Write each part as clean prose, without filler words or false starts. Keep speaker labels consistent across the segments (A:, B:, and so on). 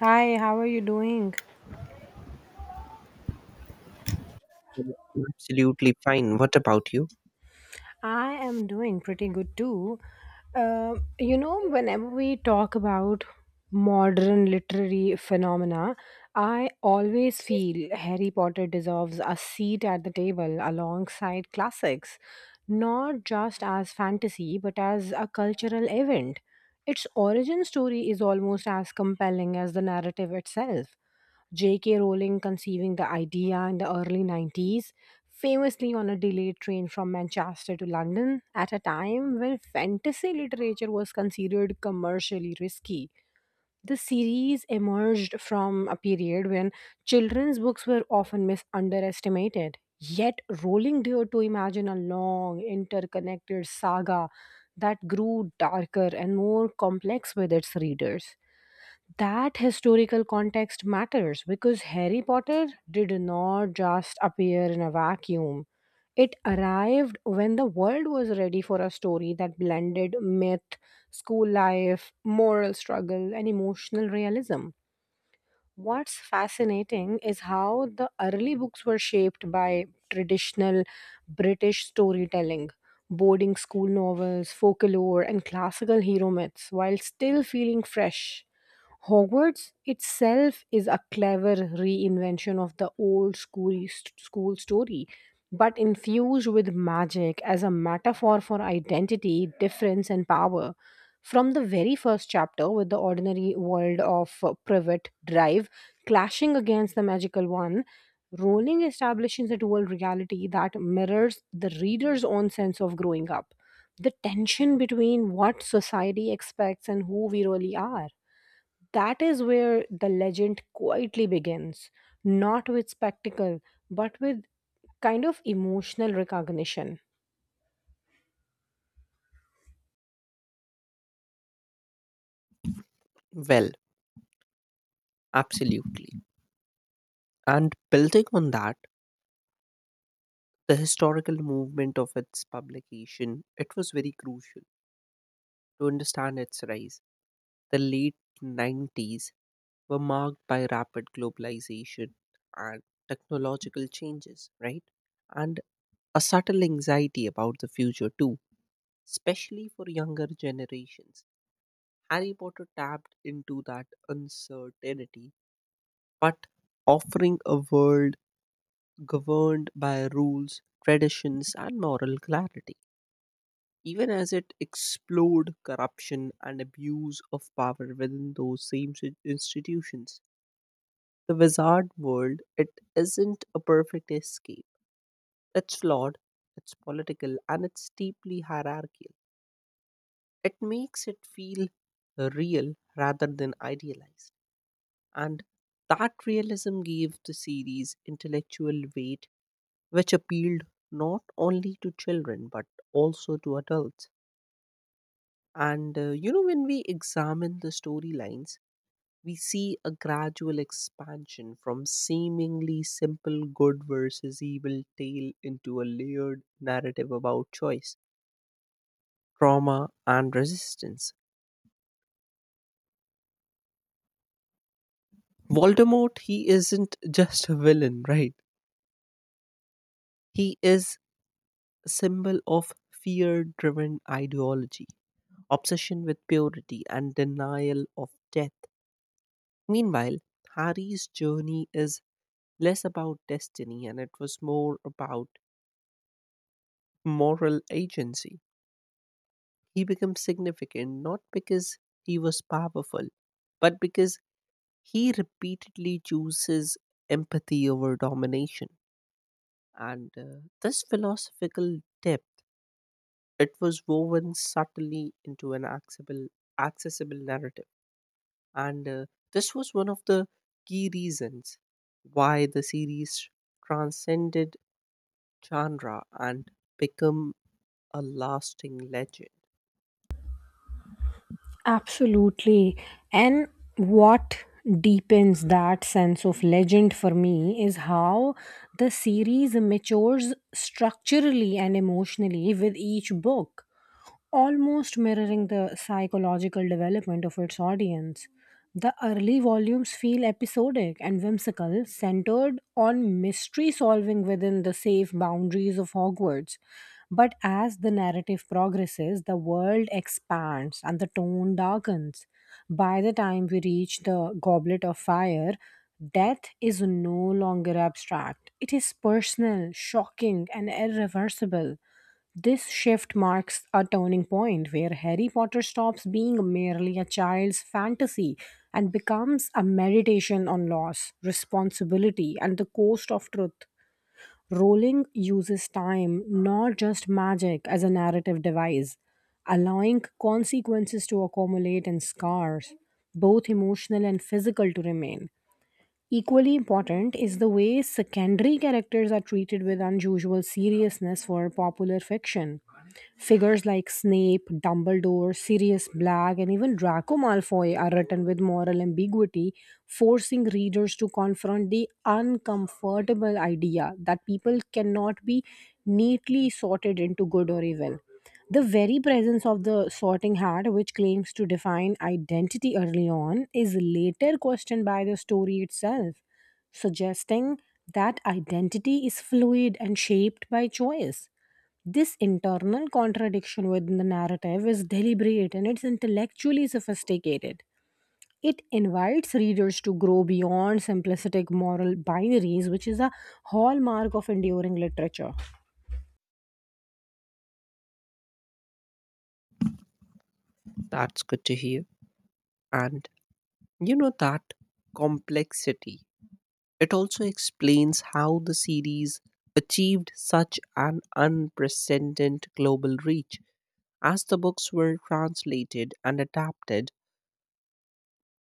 A: Hi, how are you doing?
B: Absolutely fine. What about you?
A: I am doing pretty good too. Whenever we talk about modern literary phenomena, I always feel Harry Potter deserves a seat at the table alongside classics, not just as fantasy, but as a cultural event. Its origin story is almost as compelling as the narrative itself. J.K. Rowling conceiving the idea in the early 90s, famously on a delayed train from Manchester to London at a time when fantasy literature was considered commercially risky. The series emerged from a period when children's books were often misunderestimated. Yet, Rowling dared to imagine a long, interconnected saga that grew darker and more complex with its readers that historical context matters because Harry Potter did not just appear in a vacuum. It arrived when the world was ready for a story that blended myth, school life, moral struggle, and emotional realism. What's fascinating is how the early books were shaped by traditional British storytelling, boarding school novels, folklore, and classical hero myths, while still feeling fresh. Hogwarts itself is a clever reinvention of the old school story, but infused with magic as a metaphor for identity, difference, and power. From the very first chapter, with the ordinary world of Privet Drive clashing against the magical one, Rowling establishes a dual reality that mirrors the reader's own sense of growing up. The tension between what society expects and who we really are. That is where the legend quietly begins, not with spectacle, but with kind of emotional recognition.
B: Well, absolutely. And building on that, the historical movement of its publication, it was very crucial to understand its rise. The late 90s were marked by rapid globalization and technological changes, right? And a subtle anxiety about the future too, especially for younger generations. Harry Potter tapped into that uncertainty but offering a world governed by rules, traditions, and moral clarity, even as it explored corruption and abuse of power within those same institutions. The wizard world, it isn't a perfect escape. It's flawed, it's political, and it's deeply hierarchical. It makes it feel real rather than idealized. And that realism gave the series intellectual weight which appealed not only to children but also to adults. And you know, when we examine the storylines, we see a gradual expansion from seemingly simple good versus evil tale into a layered narrative about choice, trauma, and resistance. Voldemort, he isn't just a villain, right? He is a symbol of fear driven ideology, obsession with purity, and denial of death. Meanwhile, Harry's journey is less about destiny and it was more about moral agency. He becomes significant not because he was powerful, but because he repeatedly chooses empathy over domination. And this philosophical depth, it was woven subtly into an accessible narrative. And this was one of the key reasons why the series transcended genre and become a lasting legend.
A: Absolutely. And what deepens that sense of legend for me is how the series matures structurally and emotionally with each book, almost mirroring the psychological development of its audience. The early volumes feel episodic and whimsical, centered on mystery solving within the safe boundaries of Hogwarts. But as the narrative progresses, the world expands and the tone darkens. By the time we reach the Goblet of Fire, death is no longer abstract. It is personal, shocking, and irreversible. This shift marks a turning point where Harry Potter stops being merely a child's fantasy and becomes a meditation on loss, responsibility, and the cost of truth. Rowling uses time, not just magic, as a narrative device, allowing consequences to accumulate and scars, both emotional and physical, to remain. Equally important is the way secondary characters are treated with unusual seriousness for popular fiction. Figures like Snape, Dumbledore, Sirius Black, and even Draco Malfoy are written with moral ambiguity, forcing readers to confront the uncomfortable idea that people cannot be neatly sorted into good or evil. The very presence of the sorting hat, which claims to define identity early on, is later questioned by the story itself, suggesting that identity is fluid and shaped by choice. This internal contradiction within the narrative is deliberate and it's intellectually sophisticated. It invites readers to grow beyond simplistic moral binaries, which is a hallmark of enduring literature.
B: That's good to hear. And you know that complexity, it also explains how the series achieved such an unprecedented global reach. As the books were translated and adapted,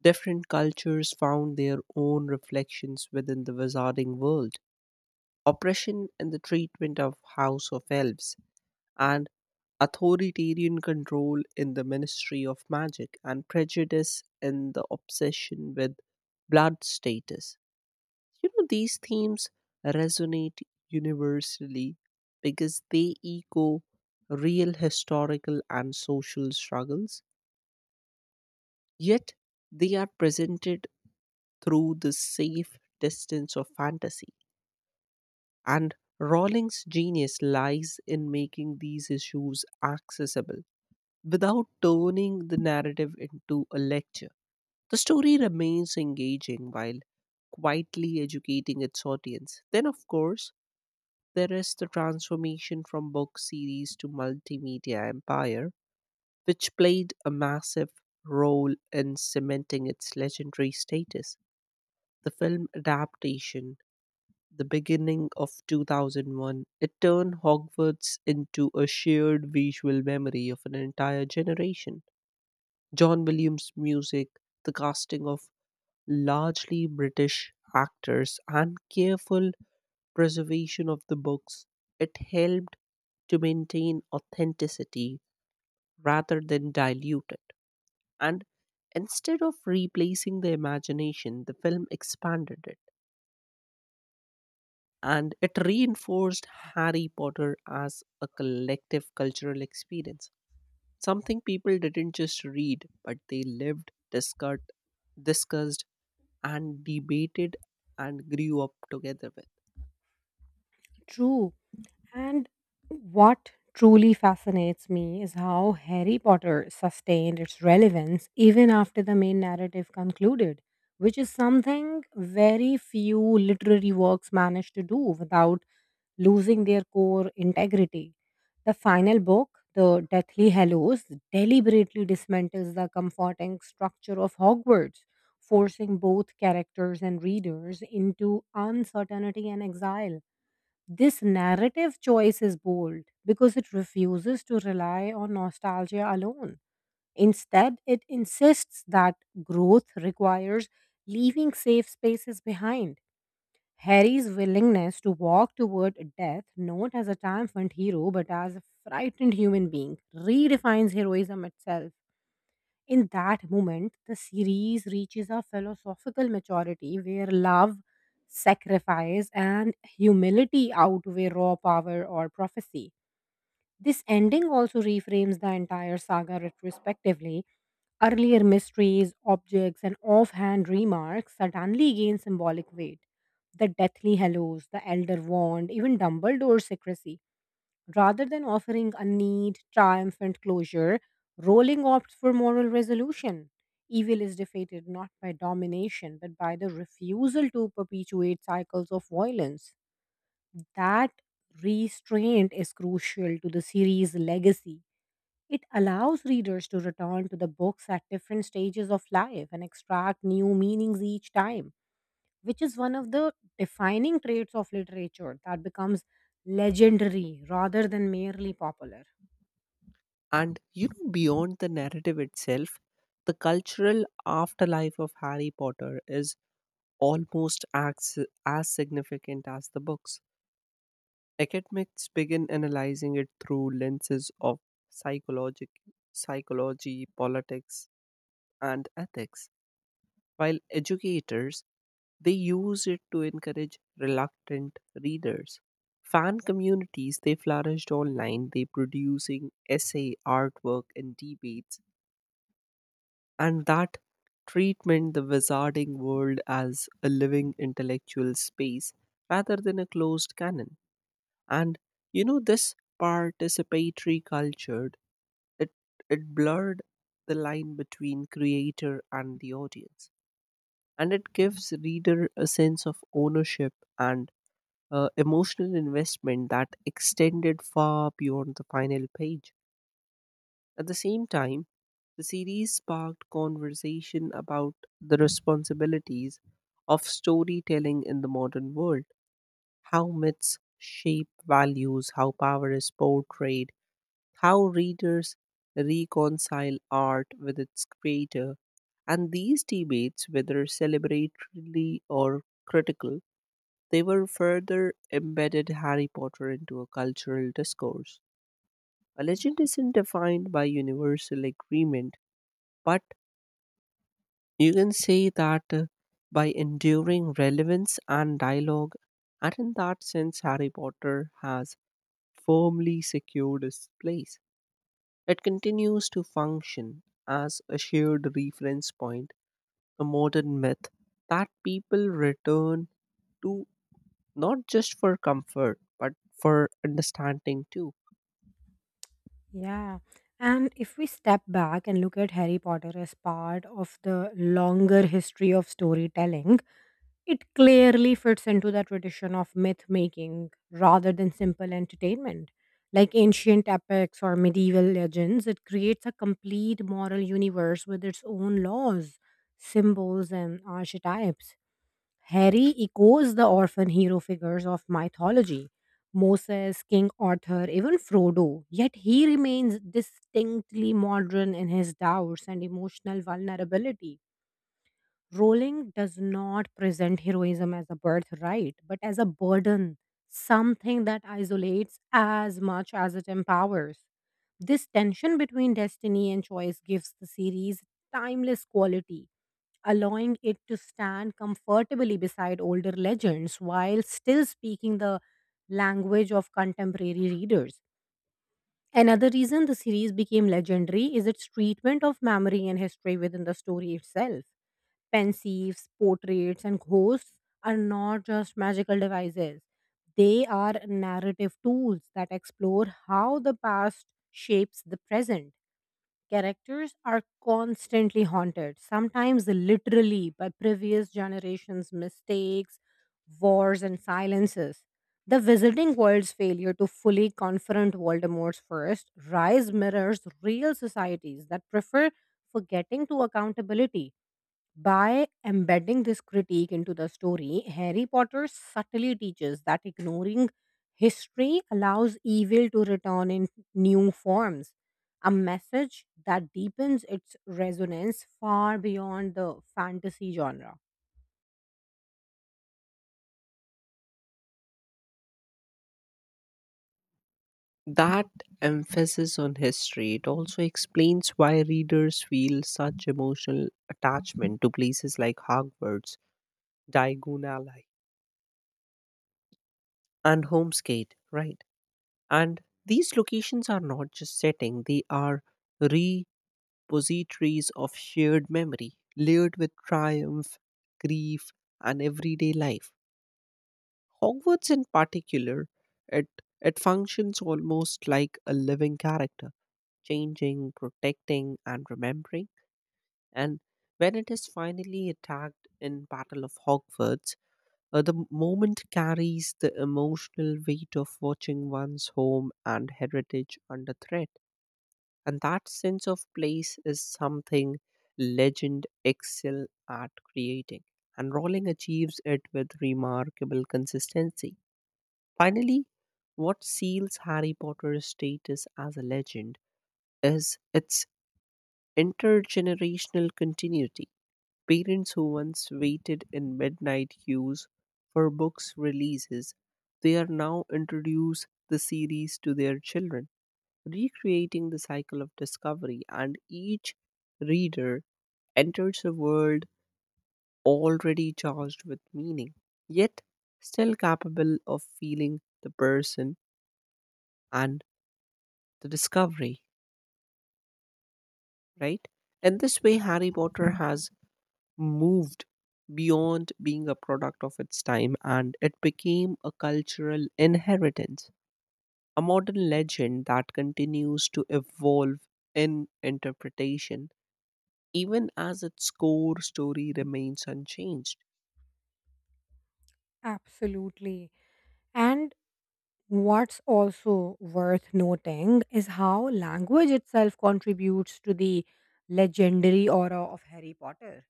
B: different cultures found their own reflections within the wizarding world. Oppression in the treatment of House of Elves and authoritarian control in the ministry of magic and prejudice in the obsession with blood status. You know, these themes resonate universally because they echo real historical and social struggles, yet, they are presented through the safe distance of fantasy. And Rowling's genius lies in making these issues accessible. Without turning the narrative into a lecture, the story remains engaging while quietly educating its audience. Then, of course, there is the transformation from book series to multimedia empire, which played a massive role in cementing its legendary status. The film adaptation, the beginning of 2001, it turned Hogwarts into a shared visual memory of an entire generation. John Williams' music, the casting of largely British actors, and careful preservation of the books, it helped to maintain authenticity rather than dilute it. And instead of replacing the imagination, the film expanded it and it reinforced Harry Potter as a collective cultural experience. Something people didn't just read, but they lived, discussed, and debated and grew up together with.
A: True. And what truly fascinates me is how Harry Potter sustained its relevance even after the main narrative concluded, which is something very few literary works manage to do without losing their core integrity. The final book, The Deathly Hallows, deliberately dismantles the comforting structure of Hogwarts, forcing both characters and readers into uncertainty and exile. This narrative choice is bold because it refuses to rely on nostalgia alone. Instead, it insists that growth requires leaving safe spaces behind. Harry's willingness to walk toward death, not as a triumphant hero but as a frightened human being, redefines heroism itself. In that moment, the series reaches a philosophical maturity where love, sacrifice, and humility outweigh raw power or prophecy. This ending also reframes the entire saga retrospectively. Earlier mysteries, objects, and offhand remarks suddenly gain symbolic weight. The deathly hallows, the elder wand, even Dumbledore's secrecy. Rather than offering a neat, triumphant closure, Rowling opts for moral resolution. Evil is defeated not by domination, but by the refusal to perpetuate cycles of violence. That restraint is crucial to the series' legacy. It allows readers to return to the books at different stages of life and extract new meanings each time, which is one of the defining traits of literature that becomes legendary rather than merely popular.
B: And you know, beyond the narrative itself, the cultural afterlife of Harry Potter is almost as significant as the books. Academics begin analyzing it through lenses of psychologic, psychology, politics, and ethics, while educators they use it to encourage reluctant readers. Fan communities they flourished online, they producing essay, artwork, and debates, and that treatment the wizarding world as a living intellectual space rather than a closed canon. And you know this participatory culture it it blurred the line between creator and the audience and it gives reader a sense of ownership and emotional investment that extended far beyond the final page. At the same time, the series sparked conversation about the responsibilities of storytelling in the modern world, how myths shape values, how power is portrayed, how readers reconcile art with its creator, and these debates, whether celebratory or critical, they were further embedded Harry Potter into a cultural discourse. A legend isn't defined by universal agreement, but you can say that by enduring relevance and dialogue, and in that sense, Harry Potter has firmly secured its place. It continues to function as a shared reference point, a modern myth that people return to not just for comfort but for understanding too.
A: Yeah. And if we step back and look at Harry Potter as part of the longer history of storytelling, it clearly fits into the tradition of myth making rather than simple entertainment. Like ancient epics or medieval legends, it creates a complete moral universe with its own laws, symbols, and archetypes. Harry echoes the orphan hero figures of mythology: Moses, King Arthur, even Frodo. Yet he remains distinctly modern in his doubts and emotional vulnerability. Rowling does not present heroism as a birthright, but as a burden, something that isolates as much as it empowers. This tension between destiny and choice gives the series timeless quality, allowing it to stand comfortably beside older legends while still speaking the language of contemporary readers. Another reason the series became legendary is its treatment of memory and history within the story itself. Pensieves, portraits, and ghosts are not just magical devices, they are narrative tools that explore how the past shapes the present. Characters are constantly haunted, sometimes literally by previous generations' mistakes, wars, and silences. The Wizarding World's failure to fully confront Voldemort's first rise mirrors real societies that prefer forgetting to accountability. By embedding this critique into the story, Harry Potter subtly teaches that ignoring history allows evil to return in new forms, a message that deepens its resonance far beyond the fantasy genre.
B: That emphasis on history it also explains why readers feel such emotional attachment to places like Hogwarts, Diagon Alley, and Homesgate, right? And these locations are not just setting, they are repositories of shared memory, layered with triumph, grief, and everyday life. Hogwarts, in particular, it, it functions almost like a living character, changing, protecting, and remembering. And when it is finally attacked in Battle of Hogwarts, the moment carries the emotional weight of watching one's home and heritage under threat, and that sense of place is something legend excel at creating, and Rowling achieves it with remarkable consistency. Finally, what seals Harry Potter's status as a legend is its intergenerational continuity. Parents who once waited in midnight queues for books releases, they are now introduce the series to their children, recreating the cycle of discovery, and each reader enters a world already charged with meaning, yet still capable of feeling the person and the discovery, right? In this way, Harry Potter has moved beyond being a product of its time and it became a cultural inheritance, a modern legend that continues to evolve in interpretation even as its core story remains unchanged.
A: Absolutely. And what's also worth noting is how language itself contributes to the legendary aura of Harry Potter.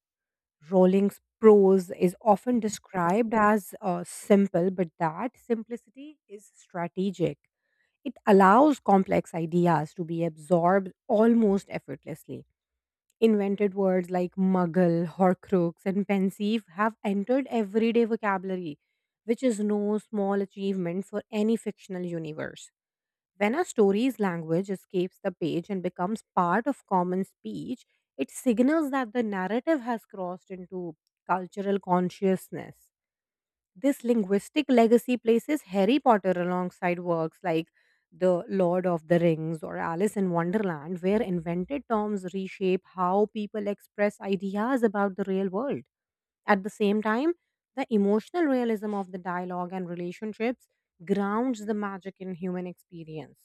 A: Rolling's prose is often described as simple, but that simplicity is strategic. It allows complex ideas to be absorbed almost effortlessly. Invented words like muggle, horcrux, and pensive have entered everyday vocabulary, which is no small achievement for any fictional universe. When a story's language escapes the page and becomes part of common speech, it signals that the narrative has crossed into cultural consciousness. This linguistic legacy places Harry Potter alongside works like The Lord of the Rings or Alice in Wonderland, where invented terms reshape how people express ideas about the real world. At the same time, the emotional realism of the dialogue and relationships grounds the magic in human experience.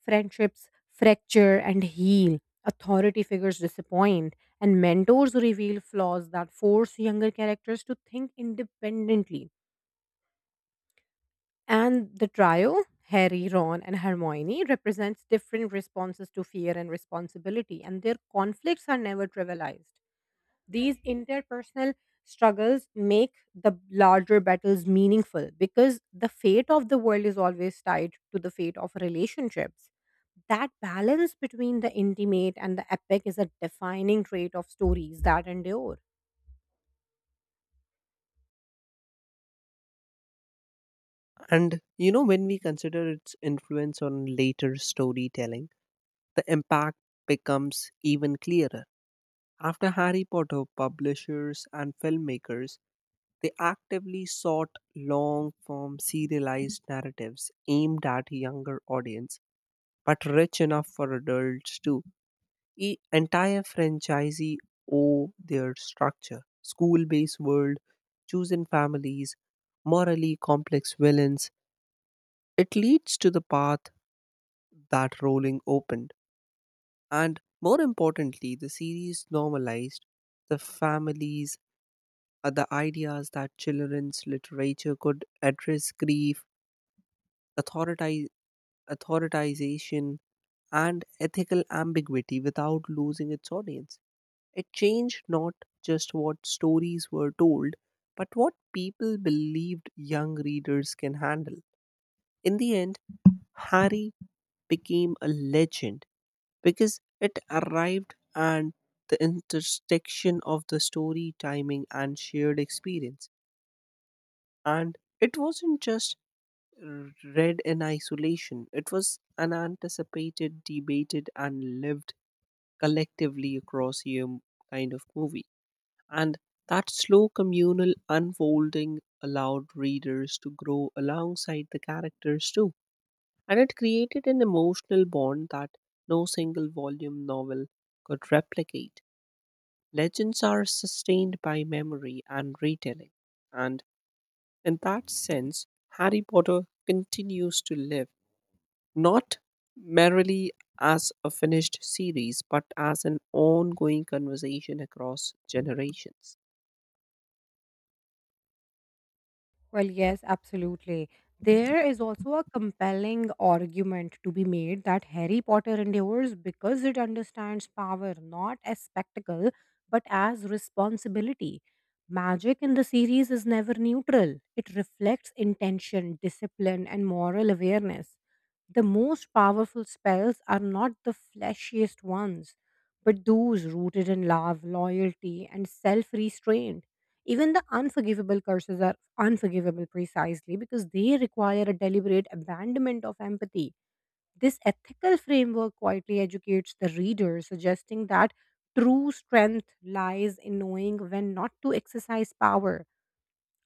A: Friendships fracture and heal, authority figures disappoint, and mentors reveal flaws that force younger characters to think independently. And the trio, Harry, Ron, and Hermione, represents different responses to fear and responsibility, and their conflicts are never trivialized. These interpersonal struggles make the larger battles meaningful because the fate of the world is always tied to the fate of relationships. That balance between the intimate and the epic is a defining trait of stories that endure.
B: And you know, when we consider its influence on later storytelling, the impact becomes even clearer. After Harry Potter, publishers and filmmakers they actively sought long form serialized narratives aimed at a younger audience but rich enough for adults too. Entire franchisee owe their structure, school based world, chosen families, morally complex villains. It leads to the path that Rowling opened. And more importantly, the series normalized the families, the ideas that children's literature could address grief, authoritize, authoritization, and ethical ambiguity without losing its audience. It changed not just what stories were told, but what people believed young readers can handle. In the end, Harry became a legend because it arrived at the intersection of the story, timing, and shared experience. And it wasn't just read in isolation, it was an anticipated, debated, and lived collectively across year kind of movie. And that slow communal unfolding allowed readers to grow alongside the characters too. And it created an emotional bond that no single volume novel could replicate. Legends are sustained by memory and retelling. And in that sense, Harry Potter continues to live, not merely as a finished series, but as an ongoing conversation across generations.
A: Well, yes, absolutely. There is also a compelling argument to be made that Harry Potter endures because it understands power not as spectacle but as responsibility. Magic in the series is never neutral, it reflects intention, discipline, and moral awareness. The most powerful spells are not the flashiest ones, but those rooted in love, loyalty, and self restraint. Even the unforgivable curses are unforgivable precisely because they require a deliberate abandonment of empathy. This ethical framework quietly educates the reader, suggesting that true strength lies in knowing when not to exercise power,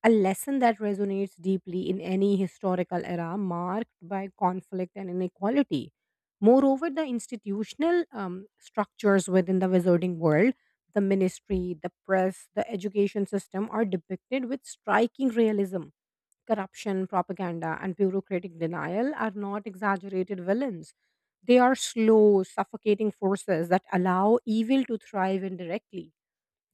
A: a lesson that resonates deeply in any historical era marked by conflict and inequality. Moreover, the institutional structures within the wizarding world, the ministry, the press, the education system, are depicted with striking realism. Corruption, propaganda, and bureaucratic denial are not exaggerated villains. They are slow, suffocating forces that allow evil to thrive indirectly.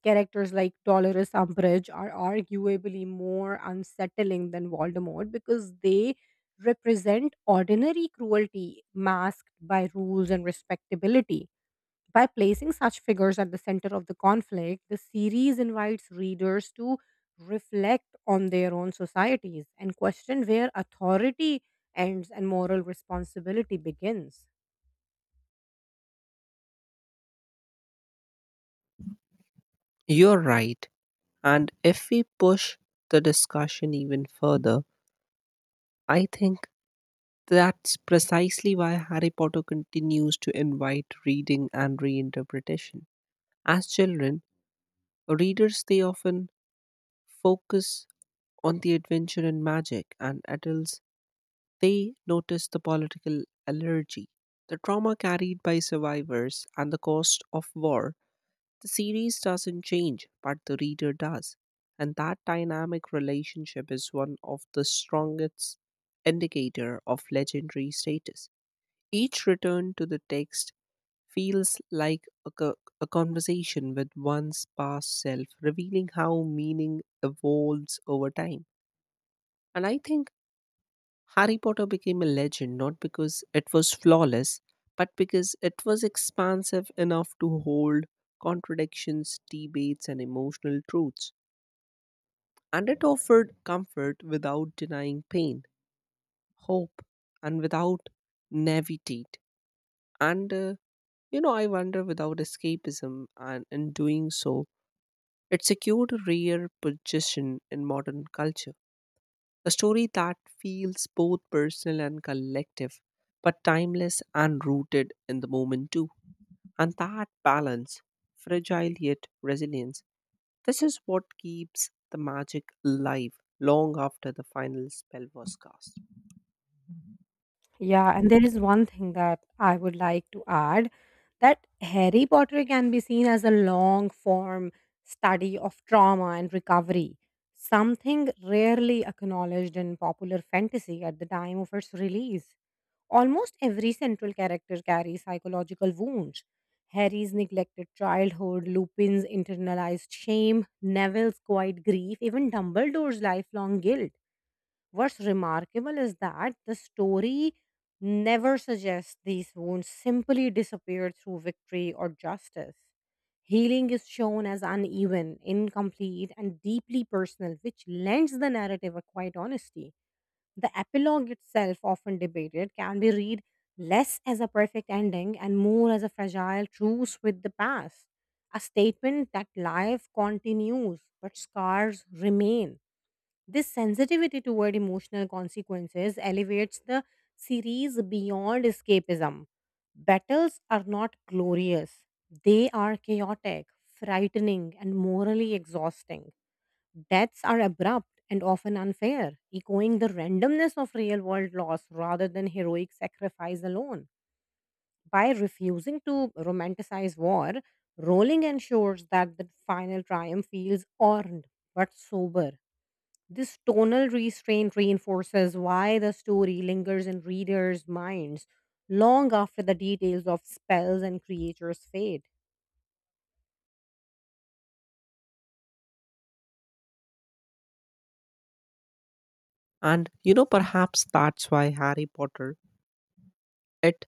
A: Characters like Dolores Umbridge are arguably more unsettling than Voldemort because they represent ordinary cruelty masked by rules and respectability. By placing such figures at the center of the conflict, the series invites readers to reflect on their own societies and question where authority ends and moral responsibility begins.
B: You're right. And if we push the discussion even further, I think that's precisely why Harry Potter continues to invite reading and reinterpretation. As children, readers they often focus on the adventure and magic, and adults they notice the political allergy, the trauma carried by survivors, and the cost of war. The series doesn't change, but the reader does. And that dynamic relationship is one of the strongest indicator of legendary status. Each return to the text feels like a conversation with one's past self, revealing how meaning evolves over time. And I think Harry Potter became a legend not because it was flawless, but because it was expansive enough to hold contradictions, debates, and emotional truths. And it offered comfort without denying pain, hope, and without navigate. And you know, I wonder without escapism, and in doing so, it secured a rare position in modern culture. A story that feels both personal and collective, but timeless and rooted in the moment too. And that balance, fragile yet resilience, this is what keeps the magic alive long after the final spell was cast.
A: Yeah, and there is one thing that I would like to add, that Harry Potter can be seen as a long form study of trauma and recovery, something rarely acknowledged in popular fantasy at the time of its release. Almost every central character carries psychological wounds. Harry's neglected childhood, Lupin's internalized shame, Neville's quiet grief, even Dumbledore's lifelong guilt. What's remarkable is that the story never suggests these wounds simply disappeared through victory or justice. Healing is shown as uneven, incomplete, and deeply personal, which lends the narrative a quiet honesty. The epilogue itself, often debated, can be read less as a perfect ending and more as a fragile truce with the past, a statement that life continues but scars remain. This sensitivity toward emotional consequences elevates the series beyond escapism. Battles are not glorious, they are chaotic, frightening, and morally exhausting. Deaths are abrupt and often unfair, echoing the randomness of real world loss rather than heroic sacrifice alone. By refusing to romanticize war, Rowling ensures that the final triumph feels earned but sober. This tonal restraint reinforces why the story lingers in readers' minds long after the details of spells and creatures fade.
B: And you know, perhaps that's why Harry Potter it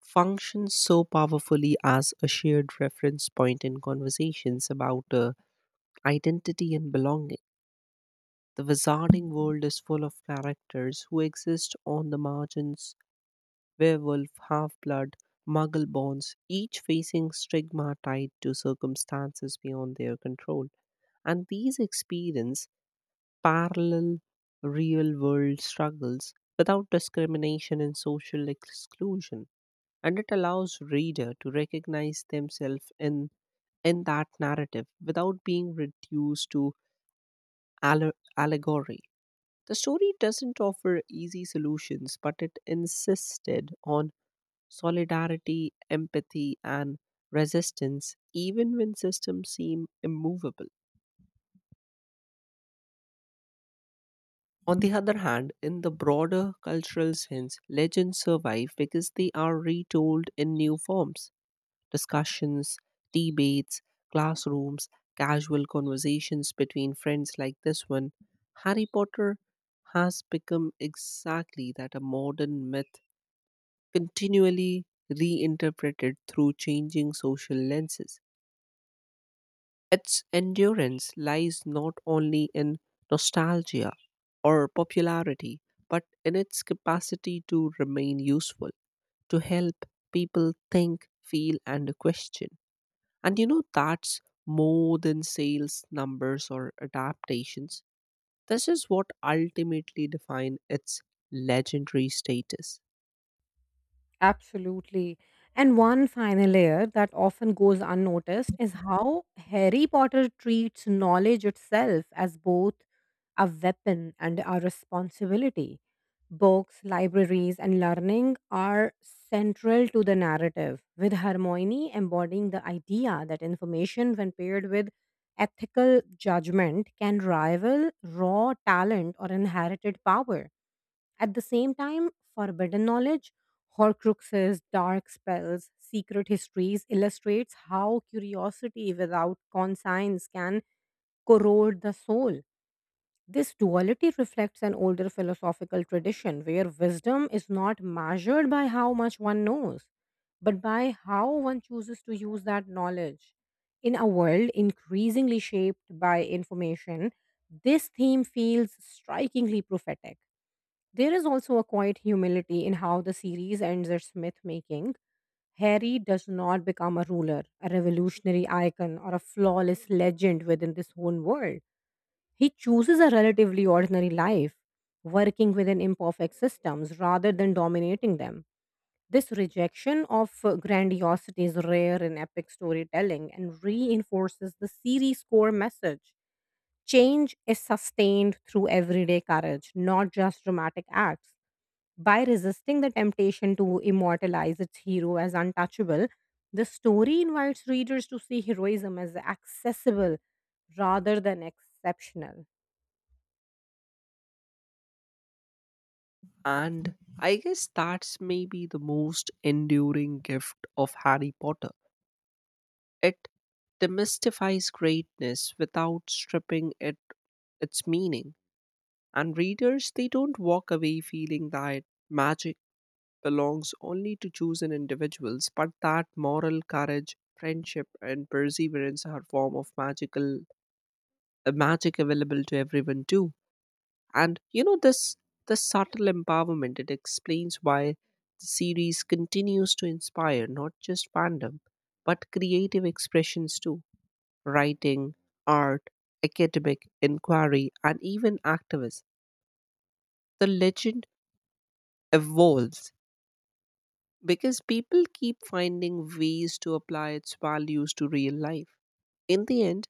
B: functions so powerfully as a shared reference point in conversations about identity and belonging. The wizarding world is full of characters who exist on the margins, werewolf, half blood, muggle bonds, each facing stigma tied to circumstances beyond their control. And these experience parallel real world struggles without discrimination and social exclusion and it allows reader to recognize themselves in that narrative without being reduced to allegory. The story doesn't offer easy solutions, but it insisted on solidarity, empathy, and resistance, even when systems seem immovable. On the other hand, in the broader cultural sense, legends survive because they are retold in new forms, discussions, debates, classrooms, casual conversations between friends like this one, Harry Potter has become exactly that, a modern myth continually reinterpreted through changing social lenses. Its endurance lies not only in nostalgia or popularity, but in its capacity to remain useful, to help people think, feel, and question. And you know, that's more than sales numbers or adaptations. This is what ultimately define its legendary status.
A: Absolutely. And one final layer that often goes unnoticed is how Harry Potter treats knowledge itself as both a weapon and a responsibility. Books, libraries, and learning are central to the narrative, with Hermione embodying the idea that information, when paired with ethical judgment, can rival raw talent or inherited power. At the same time, forbidden knowledge, Horcruxes, dark spells, secret histories illustrates how curiosity without conscience can corrode the soul. This duality reflects an older philosophical tradition where wisdom is not measured by how much one knows, but by how one chooses to use that knowledge. In a world increasingly shaped by information, this theme feels strikingly prophetic. There is also a quiet humility in how the series ends its myth making. Harry does not become a ruler, a revolutionary icon, or a flawless legend within this whole world. He chooses a relatively ordinary life, working within imperfect systems rather than dominating them. This rejection of grandiosity is rare in epic storytelling and reinforces the series' core message. Change is sustained through everyday courage, not just dramatic acts. By resisting the temptation to immortalize its hero as untouchable, the story invites readers to see heroism as accessible rather than exceptional.
B: And I guess that's maybe the most enduring gift of Harry Potter. It demystifies greatness without stripping it its meaning. And readers, they don't walk away feeling that magic belongs only to chosen individuals, but that moral courage, friendship, and perseverance are form of magic available to everyone too. And you know this subtle empowerment it explains why the series continues to inspire not just fandom, but creative expressions too, writing, art, academic inquiry, and even activists. The legend evolves because people keep finding ways to apply its values to real life. In the end,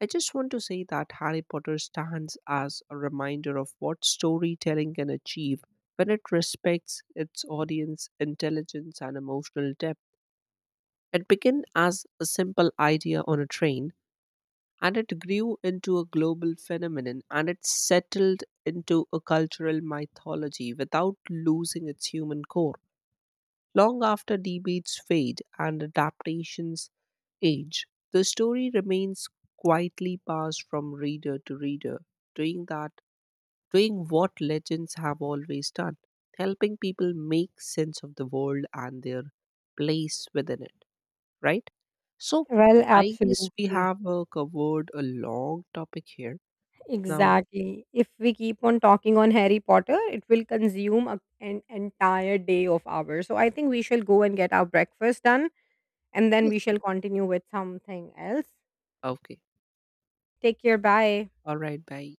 B: I just want to say that Harry Potter stands as a reminder of what storytelling can achieve when it respects its audience intelligence and emotional depth. It began as a simple idea on a train and it grew into a global phenomenon and it settled into a cultural mythology without losing its human core. Long after debates fade and adaptations age, the story remains quietly passed from reader to reader, doing that doing what legends have always done, helping people make sense of the world and their place within it, right? So
A: Well,
B: I guess we
A: absolutely.
B: have covered a long topic here. Now,
A: Exactly. If we keep on talking on Harry Potter, it will consume an entire day of ours. So I think we shall go and get our breakfast done and then
B: yes,
A: we shall continue with something else.
B: okay,
A: Take care. Bye.
B: all right, bye.